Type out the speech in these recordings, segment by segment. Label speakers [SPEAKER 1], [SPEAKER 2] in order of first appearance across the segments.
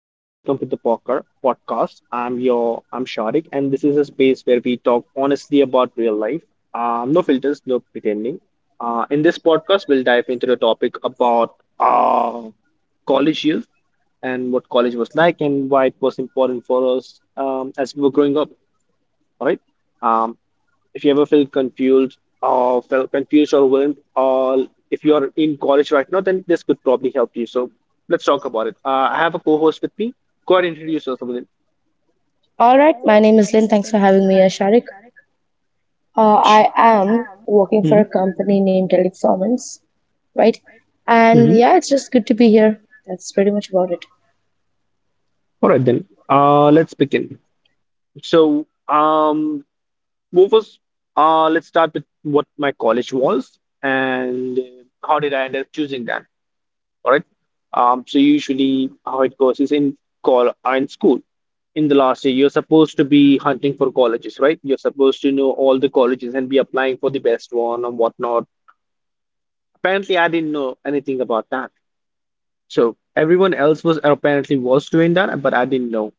[SPEAKER 1] welcome to the Poker Podcast. I'm Sharik, and this is a space where we talk honestly about real life. No filters, no pretending. In this podcast, we'll dive into the topic about college years and what college was like and why it was important for us as we were growing up. All right. Um, if you ever feel confused or felt confused or overwhelmed, or if you are in college right now, then this could probably help you. So let's talk about it. I have a co-host with me. Go ahead and introduce yourself. Within.
[SPEAKER 2] All right, my name is Lynn. Thanks for having me here, Sharik. I am working for a company named Teleperformance, right? And
[SPEAKER 1] Mm-hmm.
[SPEAKER 2] yeah, it's just good to be here. That's pretty much about it.
[SPEAKER 1] All right then. Let's begin. So, what was let's start with what my college was and how did I end up choosing that? All right. So usually how it goes is in call in school. In the last year, you're supposed to be hunting for colleges, right? You're supposed to know all the colleges and be applying for the best one and whatnot. Apparently, I didn't know anything about that. So everyone else was apparently was doing that, but I didn't know.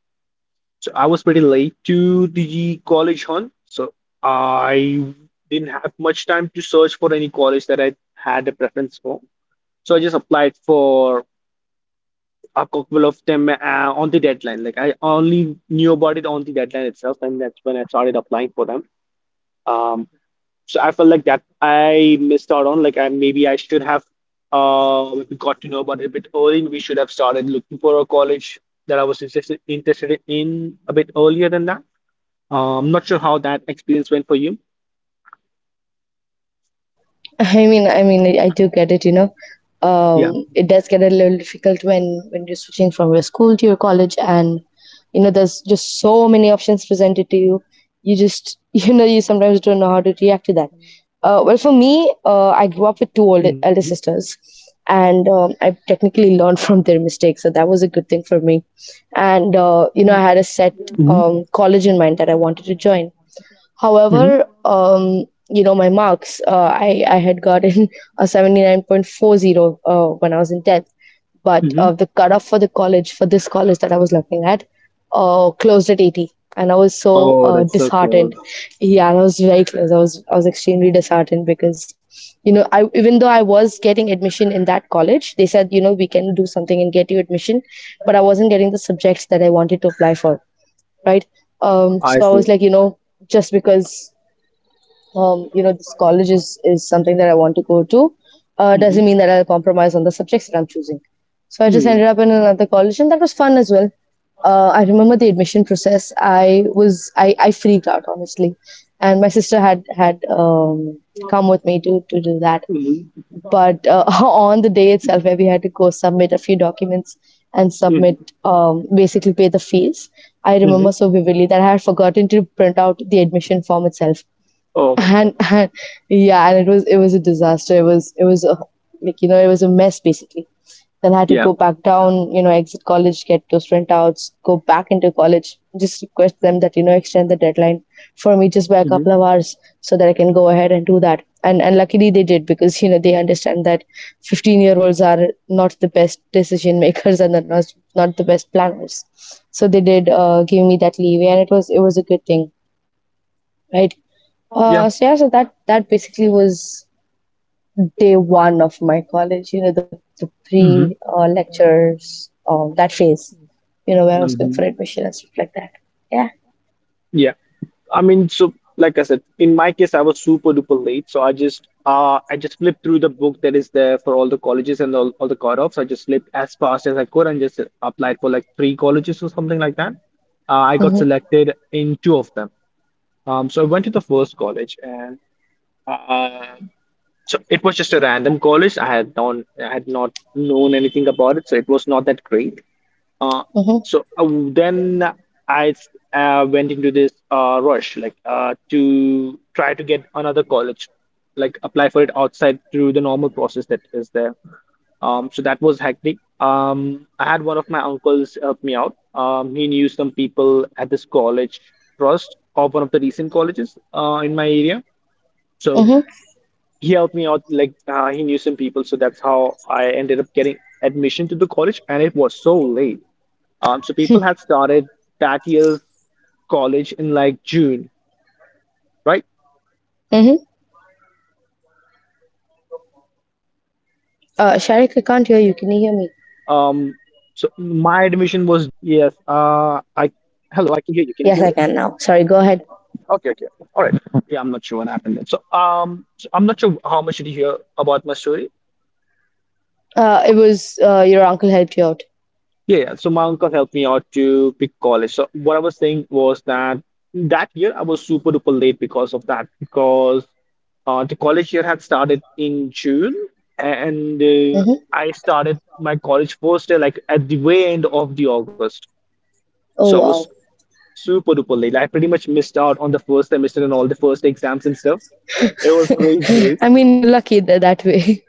[SPEAKER 1] So I was pretty late to the college hunt. So I didn't have much time to search for any college that I had a preference for. So I just applied for a couple of them on the deadline. Like I only knew about it on the deadline itself, and that's when I started applying for them. Um, so I felt like that I missed out on. Like I maybe I should have maybe got to know about it a bit early. We should have started looking for a college that I was interested in a bit earlier than that. I'm not sure how that experience went for you.
[SPEAKER 2] I mean, I do get it.
[SPEAKER 1] Yeah.
[SPEAKER 2] It does get a little difficult when you're switching from your school to your college, and you know, there's
[SPEAKER 1] hmm
[SPEAKER 2] just so many options presented to you. You just, you know, you sometimes don't know how to react to that. Well, for me, I grew up with two older elder sisters, and I technically learned from their mistakes, so that was a good thing for me. And You know, I had a set
[SPEAKER 1] hmm
[SPEAKER 2] college in mind that I wanted to join.
[SPEAKER 1] hmm
[SPEAKER 2] However, you know, my marks, I had gotten a 79.40 when I was in 10th. But
[SPEAKER 1] hmm
[SPEAKER 2] the cutoff for the college, for this college that I was looking at, closed at 80. And I was so
[SPEAKER 1] Oh, that's so
[SPEAKER 2] disheartened.
[SPEAKER 1] close.
[SPEAKER 2] Yeah, I was very close. I was extremely disheartened because, you know, I even though I was getting admission in that college, they said, you know, we can do something and get you admission. But I wasn't getting the subjects that I wanted to apply for, right?
[SPEAKER 1] I
[SPEAKER 2] So I
[SPEAKER 1] see.
[SPEAKER 2] was like, you know, just because you know, this college is something that I want to go to,
[SPEAKER 1] hmm
[SPEAKER 2] doesn't mean that I'll compromise on the subjects that I'm choosing. So I just
[SPEAKER 1] hmm
[SPEAKER 2] ended up in another college, and that was fun as well. I remember the admission process. I freaked out honestly, and my sister had come with me to do that.
[SPEAKER 1] hmm
[SPEAKER 2] But on the day itself, where we had to go submit a few documents and submit basically pay the fees. I
[SPEAKER 1] hmm
[SPEAKER 2] remember so vividly that I had forgotten to print out the admission form itself
[SPEAKER 1] Oh my God.
[SPEAKER 2] and yeah, and it was a disaster. It was it was a like you know it was a mess basically. Then I had to
[SPEAKER 1] Yeah.
[SPEAKER 2] go back down, you know, exit college, get those printouts, go back into college, just request them that, you know, extend the deadline for me just by a
[SPEAKER 1] hmm
[SPEAKER 2] couple of hours so that I can go ahead and do that. And luckily they did because, you know, they understand that 15-year-olds are not the best decision makers, and they're not the best planners. So they did give me that leeway, and it was a good thing, right?
[SPEAKER 1] Yeah.
[SPEAKER 2] So yeah, so that that basically was day one of my college. You know, the pre
[SPEAKER 1] hmm
[SPEAKER 2] lectures, that phase. You know, where I was going
[SPEAKER 1] hmm
[SPEAKER 2] for admission and stuff like that. Yeah.
[SPEAKER 1] Yeah. I mean, so like I said, in my case, I was super duper late, so I just flipped through the book that is there for all the colleges and all the cutoffs. I just flipped as fast as I could and just applied for like three colleges or something like that. I got
[SPEAKER 2] Mhm.
[SPEAKER 1] selected in two of them. So I went to the first college, and uh, so it was just a random college. I had not known anything about it, so it was not that great. Uh,
[SPEAKER 2] Mhm.
[SPEAKER 1] then I went into this rush, to try to get another college, like apply for it outside through the normal process that is there. So that was hectic. I had one of my uncles help me out. He knew some people at this college trust of one of the recent colleges in my area. So
[SPEAKER 2] Mhm.
[SPEAKER 1] he helped me out, he knew some people. So that's how I ended up getting admission to the college, and it was so late. So people had started that year's college in like June, right? Um, so
[SPEAKER 2] Mhm.
[SPEAKER 1] my admission was done at the end of August. I pretty
[SPEAKER 2] Sharik,
[SPEAKER 1] much
[SPEAKER 2] I can't
[SPEAKER 1] missed
[SPEAKER 2] hear you.
[SPEAKER 1] out.
[SPEAKER 2] Can you hear me?
[SPEAKER 1] Yes. I Hello. I can hear you. Can you hear me?
[SPEAKER 2] Yes, I can now. Sorry. Go ahead.
[SPEAKER 1] Okay. Okay. All right. Yeah, I'm not sure what happened there. So so I'm not sure how much did you hear about my story.
[SPEAKER 2] It was your uncle helped you out.
[SPEAKER 1] Yeah, yeah. So my uncle helped me out to pick college. So what I was saying was that that year I was super duper late because of that because the college year had started in June and
[SPEAKER 2] Mhm.
[SPEAKER 1] I started my college first day like at the way end of the August. So I
[SPEAKER 2] Oh
[SPEAKER 1] was
[SPEAKER 2] wow.
[SPEAKER 1] super duper late. Like, I pretty much missed out on the first semester and all the first exams and stuff. It was crazy late.
[SPEAKER 2] I mean, you're lucky that that way.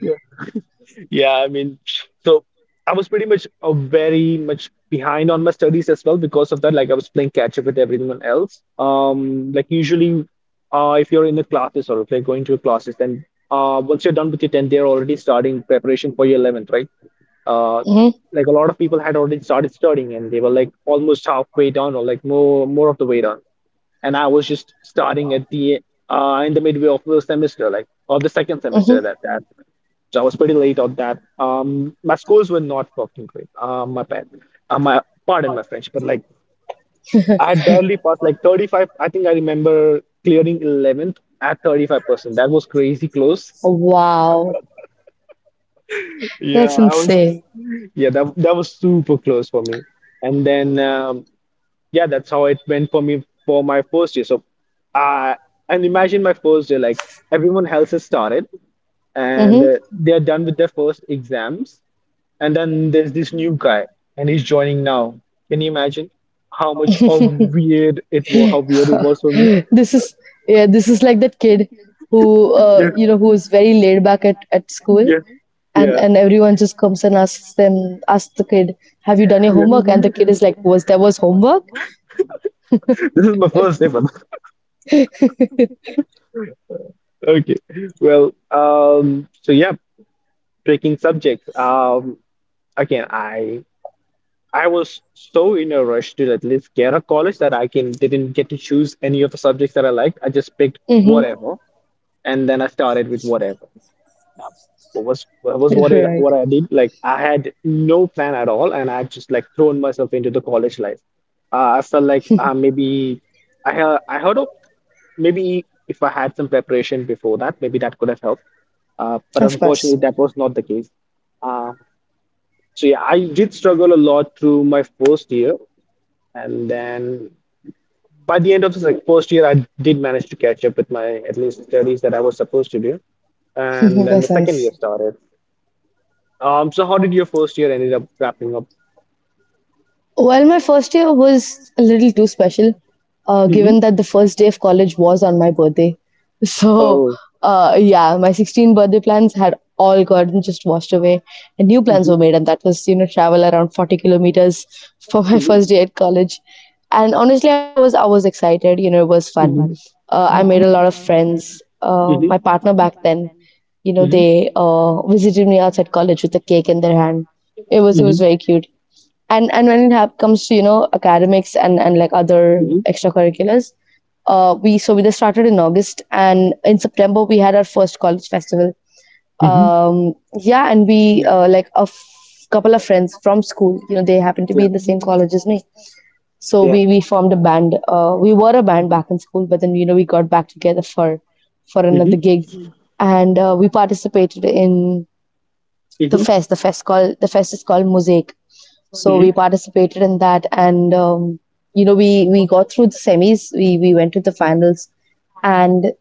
[SPEAKER 1] Yeah, I mean, so I was pretty much very much behind on my studies as well because of that. Like I was playing catch up with everyone else. Like usually, if you're in the classes or if you're going to classes, then once you're done with your 10th, they're already starting preparation for your 11th, right? Uh,
[SPEAKER 2] Mhm.
[SPEAKER 1] like a lot of people had already started studying and they were like almost halfway done or like more of the way done. And I was just starting at the in the midway of the semester, like or the second semester at that. So I was pretty late on that. My scores were not fucking great. My bad. My pardon my French, but like I had barely passed like 35. I think I remember clearing 11th at 35%. That was crazy close.
[SPEAKER 2] Wow.
[SPEAKER 1] Yeah,
[SPEAKER 2] That's
[SPEAKER 1] I was.
[SPEAKER 2] insane.
[SPEAKER 1] Yeah, that that was super close for me. And then yeah, that's how it went for me for my first year. So, I and imagine my first year, like everyone else has started and
[SPEAKER 2] Mhm.
[SPEAKER 1] they're done with their first exams, and then there's this new guy, and he's joining now. Can you imagine how much of weird it was, how weird it was for me?
[SPEAKER 2] This is, yeah, this is like that kid who
[SPEAKER 1] Yeah,
[SPEAKER 2] you know, who is very laid back at school,
[SPEAKER 1] yeah, yeah,
[SPEAKER 2] and everyone just comes and asks the kid, have you done your
[SPEAKER 1] yeah.
[SPEAKER 2] homework? And the kid is like, was there was homework?
[SPEAKER 1] This is my first day, ever. Okay. Well, so yeah, breaking subjects. Again, I was so in a rush to at least get a college that I can didn't get to choose any of the subjects that I liked. I just picked
[SPEAKER 2] Mm-hmm.
[SPEAKER 1] whatever, and then I started with whatever now. What was what was what I
[SPEAKER 2] Right.
[SPEAKER 1] what I did? Like I had no plan at all, and I just like thrown myself into the college life. I felt like maybe I heard of maybe if I had some preparation before that, maybe that could have helped. But
[SPEAKER 2] Of course.
[SPEAKER 1] unfortunately, that was not the case. Uh, so yeah, I did struggle a lot through my first year, and then by the end of the first year, I did manage to catch up with my at least studies that I was supposed to do. And then the
[SPEAKER 2] That's
[SPEAKER 1] second
[SPEAKER 2] nice.
[SPEAKER 1] year started, so how did your first year ended up wrapping up?
[SPEAKER 2] Well, my first year was a little too special,
[SPEAKER 1] hmm
[SPEAKER 2] given that the first day of college was on my birthday. So,
[SPEAKER 1] Oh,
[SPEAKER 2] yeah, my 16th birthday plans had all gotten just washed away, and new
[SPEAKER 1] hmm
[SPEAKER 2] plans
[SPEAKER 1] hmm
[SPEAKER 2] were made, and that was, you know, travel around 40 kilometers for my first
[SPEAKER 1] hmm
[SPEAKER 2] day at college. And honestly, I was excited. You know, it was fun.
[SPEAKER 1] hmm
[SPEAKER 2] I made a lot of friends.
[SPEAKER 1] hmm
[SPEAKER 2] My partner back then, you know, they visited me outside college with a cake in their hand. It was
[SPEAKER 1] hmm
[SPEAKER 2] very cute. And and when it hap comes to you know, academics and like other
[SPEAKER 1] hmm
[SPEAKER 2] extracurriculars. Uh we so we just started in August, and in September we had our first college festival.
[SPEAKER 1] hmm
[SPEAKER 2] um yeah, and we
[SPEAKER 1] Yeah,
[SPEAKER 2] like a couple of friends from school, you know, they happen to
[SPEAKER 1] yeah,
[SPEAKER 2] be in the same college as me. So
[SPEAKER 1] yeah.
[SPEAKER 2] we formed a band. Uh, we were a band back in school, but then, you know, we got back together for
[SPEAKER 1] hmm
[SPEAKER 2] another gig. And we participated in the
[SPEAKER 1] hmm
[SPEAKER 2] fest. The fest called the fest is called Mosaic. So we
[SPEAKER 1] hmm
[SPEAKER 2] participated in that, and you know, we got through the semis. We went to the finals, and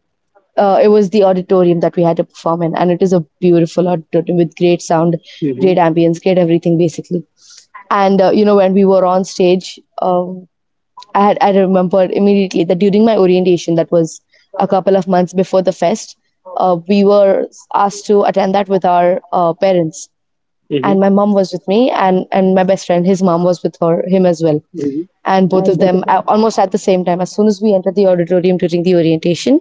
[SPEAKER 2] it was the auditorium that we had to perform in, and it is a beautiful auditorium with great sound,
[SPEAKER 1] hmm
[SPEAKER 2] great ambience, great everything basically. And you know, when we were on stage, I remembered immediately that during my orientation, that was a couple of months before the fest, we were asked to attend that with our parents.
[SPEAKER 1] hmm
[SPEAKER 2] And my mom was with me, and my best friend, his mom was with her him as well.
[SPEAKER 1] hmm
[SPEAKER 2] And both of them almost at the same time, as soon as we entered the auditorium during the orientation,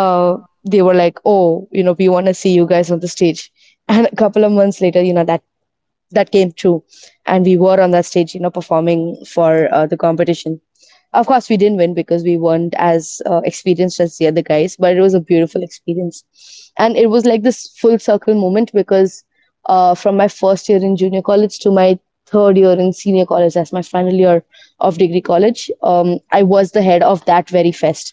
[SPEAKER 2] uh they were like, oh, you know, we want to see you guys on the stage. And a couple of months later, you know, that that came true, and we were on that stage, you know, performing for the competition. Of course, we didn't win because we weren't as experienced as the other guys, but it was a beautiful experience. And it was like this full circle moment, because from my first year in junior college to my third year in senior college, that's my final year of degree college, I was the head of that very fest.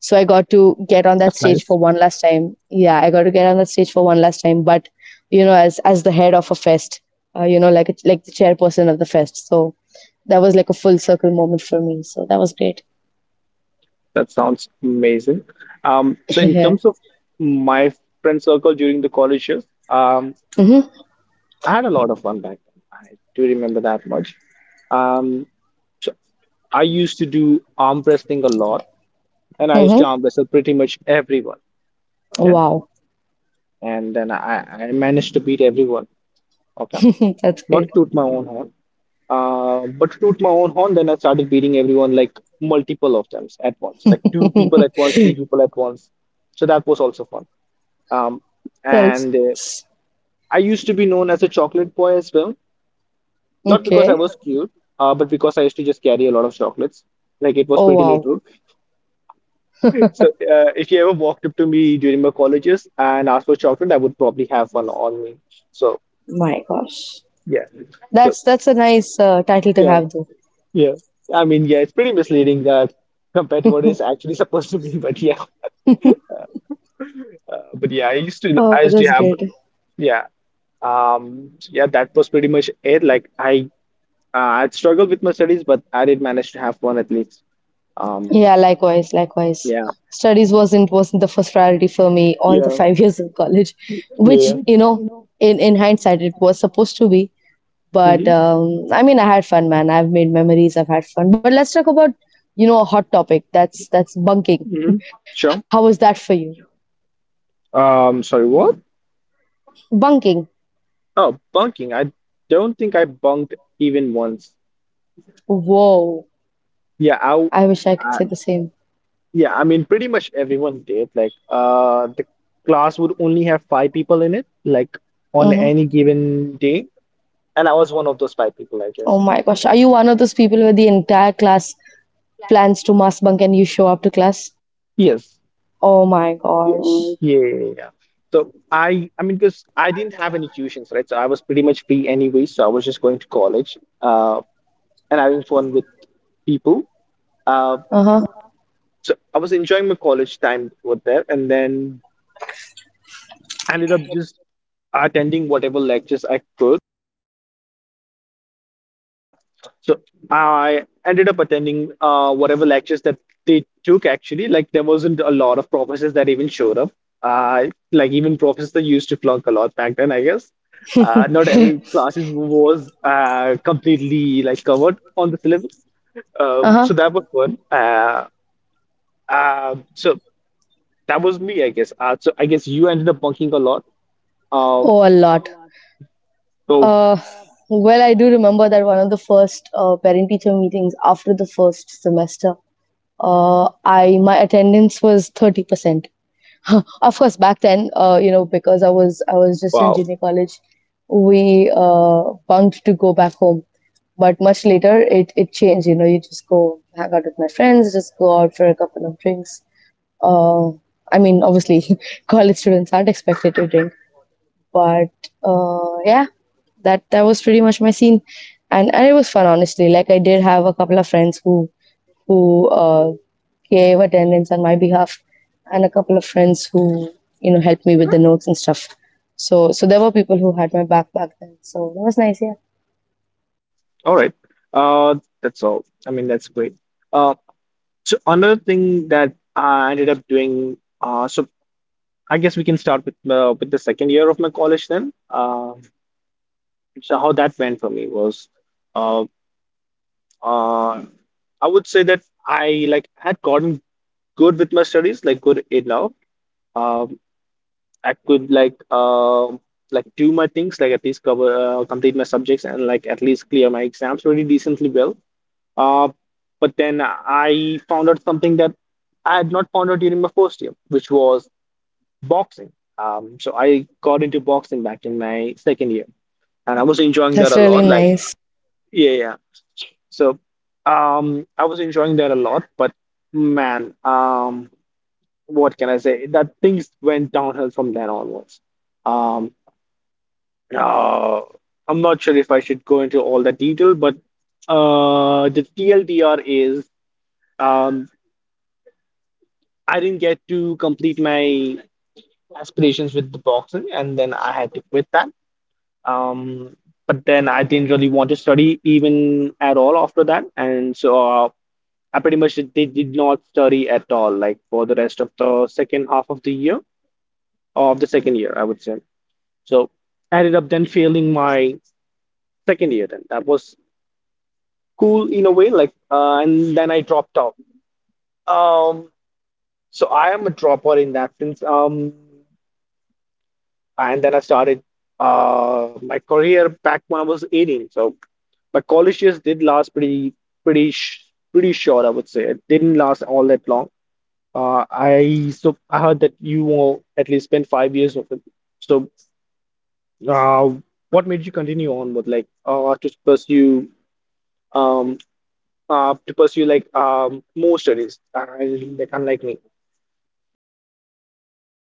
[SPEAKER 2] So I got to get on that
[SPEAKER 1] That's
[SPEAKER 2] stage
[SPEAKER 1] nice.
[SPEAKER 2] for one last time. Yeah, I got to get on that stage for one last time, but you know, as the head of a fest, you know, like a, like the chairperson of the fest. So that was like a full circle moment for me. So that was great.
[SPEAKER 1] That sounds amazing. So in
[SPEAKER 2] Yeah.
[SPEAKER 1] terms of my friend circle during the college years, um.
[SPEAKER 2] Hmm.
[SPEAKER 1] I had a lot of fun back then. I do remember that much. Um, so I used to do arm wrestling a lot, and I used
[SPEAKER 2] Hmm.
[SPEAKER 1] to arm wrestle pretty much everyone. Okay,
[SPEAKER 2] Wow.
[SPEAKER 1] and then I managed to beat everyone. Okay,
[SPEAKER 2] That's
[SPEAKER 1] not
[SPEAKER 2] great.
[SPEAKER 1] to toot my own horn, but to toot my own horn. Then I started beating everyone like multiple of them at once, like two people at once, three people at once. So that was also fun. Um,
[SPEAKER 2] That's
[SPEAKER 1] and I used to be known as a chocolate boy as well. Not because I
[SPEAKER 2] okay.
[SPEAKER 1] was cute, but because I used to just carry a lot of chocolates. Like it was
[SPEAKER 2] Oh
[SPEAKER 1] pretty
[SPEAKER 2] wow.
[SPEAKER 1] literal. So if you ever walked up to me during my colleges and asked for chocolate, I would probably have one on me. So
[SPEAKER 2] My gosh.
[SPEAKER 1] yeah. So
[SPEAKER 2] That's a nice title to
[SPEAKER 1] yeah,
[SPEAKER 2] have though.
[SPEAKER 1] yeah. I mean, yeah, it's pretty misleading that compared to what it's actually supposed to be. But yeah, I used to,
[SPEAKER 2] Oh,
[SPEAKER 1] I
[SPEAKER 2] that's
[SPEAKER 1] used to have,
[SPEAKER 2] great.
[SPEAKER 1] yeah. So yeah, that was pretty much it. I'd struggled with my studies, but I did manage to have one at least. Um,
[SPEAKER 2] Yeah, likewise, likewise.
[SPEAKER 1] yeah,
[SPEAKER 2] Studies wasn't the first priority for me all the
[SPEAKER 1] yeah,
[SPEAKER 2] 5 years of college, which
[SPEAKER 1] yeah.
[SPEAKER 2] you know, in hindsight, it was supposed to be. But
[SPEAKER 1] hmm
[SPEAKER 2] I mean, I had fun, man. I've made memories. I've had fun. But let's talk about, you know, a hot topic. That's bunking.
[SPEAKER 1] hmm
[SPEAKER 2] How was
[SPEAKER 1] Sure.
[SPEAKER 2] that for you?
[SPEAKER 1] Sorry, what?
[SPEAKER 2] Bunking.
[SPEAKER 1] Oh, bunking. I don't think I bunked even once.
[SPEAKER 2] Whoa.
[SPEAKER 1] Yeah, I, w-
[SPEAKER 2] I wish I could
[SPEAKER 1] I-
[SPEAKER 2] say the same.
[SPEAKER 1] yeah, I mean, pretty much everyone did. Like, the class would only have five people in it, like on
[SPEAKER 2] Hmm.
[SPEAKER 1] any given day, and I was one of those five people, I
[SPEAKER 2] Oh
[SPEAKER 1] guess.
[SPEAKER 2] my gosh. Are you one of those people where the entire class plans to mass bunk and you show up to class?
[SPEAKER 1] Yes. Yeah, yeah, yeah. Yeah. So I mean, because I didn't have any tuitions, right? So I was pretty much free anyway. So I was just going to college, and having fun with people. Uh,
[SPEAKER 2] Uh huh.
[SPEAKER 1] So I was enjoying my college time over there and then ended up just attending whatever lectures I could. Yeah. So I ended up attending whatever lectures that they took actually. Like there wasn't a lot of professors that even showed up. Like even professors that used to flunk a lot back then, I guess. Not every classes was completely like covered on the syllabus.
[SPEAKER 2] Uh huh.
[SPEAKER 1] So that was fun. So that was me, I guess. So I guess you ended up bunking a lot. Uh,
[SPEAKER 2] Oh, a lot.
[SPEAKER 1] so
[SPEAKER 2] Uh, well, I do remember that one of the first parent-teacher meetings after the first semester, I my attendance was 30%. Of course, back then, you know, because I was just in
[SPEAKER 1] Wow.
[SPEAKER 2] junior college, we bunked to go back home. But much later, it changed. You know, you just go hang out with my friends, just go out for a couple of drinks. Uh, I mean, obviously, college students aren't expected to drink. But yeah, that that was pretty much my scene, and it was fun honestly. Like I did have a couple of friends who gave attendance on my behalf, and a couple of friends who, you know, helped me with the notes and stuff. So so there were people who had my back back then. So that was nice. Yeah,
[SPEAKER 1] All right. Uh, that's all. I mean, that's great. Uh, so another thing that I ended up doing, so I guess we can start with the second year of my college then. So how that went for me was, uh, uh, I would say that I like had gotten good with my studies, like good in now. I could like do my things, like at least cover complete my subjects and like at least clear my exams pretty decently well. Uh, but then I found out something that I had not found out during my first year, which was boxing. So I got into boxing back in my second year, and I was enjoying that a
[SPEAKER 2] that's really
[SPEAKER 1] lot. Like
[SPEAKER 2] nice.
[SPEAKER 1] yeah, yeah. So I was enjoying that a lot, but man, what can I say? That things went downhill from then onwards. Um, Uh, I'm not sure if I should go into all the detail, but the TLDR is um, I didn't get to complete my aspirations with the boxing, and then I had to quit that. Um, but then I didn't really want to study even at all after that, and so I pretty much did not study at all, like for the rest of the second half of the year, of the second year, I would say. So I ended up then failing my second year. Then that was cool in a way and then I dropped out, um, so I am a dropper in that sense, um, and then I started my career back when I was 18. So my college years did last pretty sh pretty short, I would say. It didn't last all that long. I So I heard that you will at least spend 5 years of it. So uh what made you continue on with um to pursue like more studies, like unlike me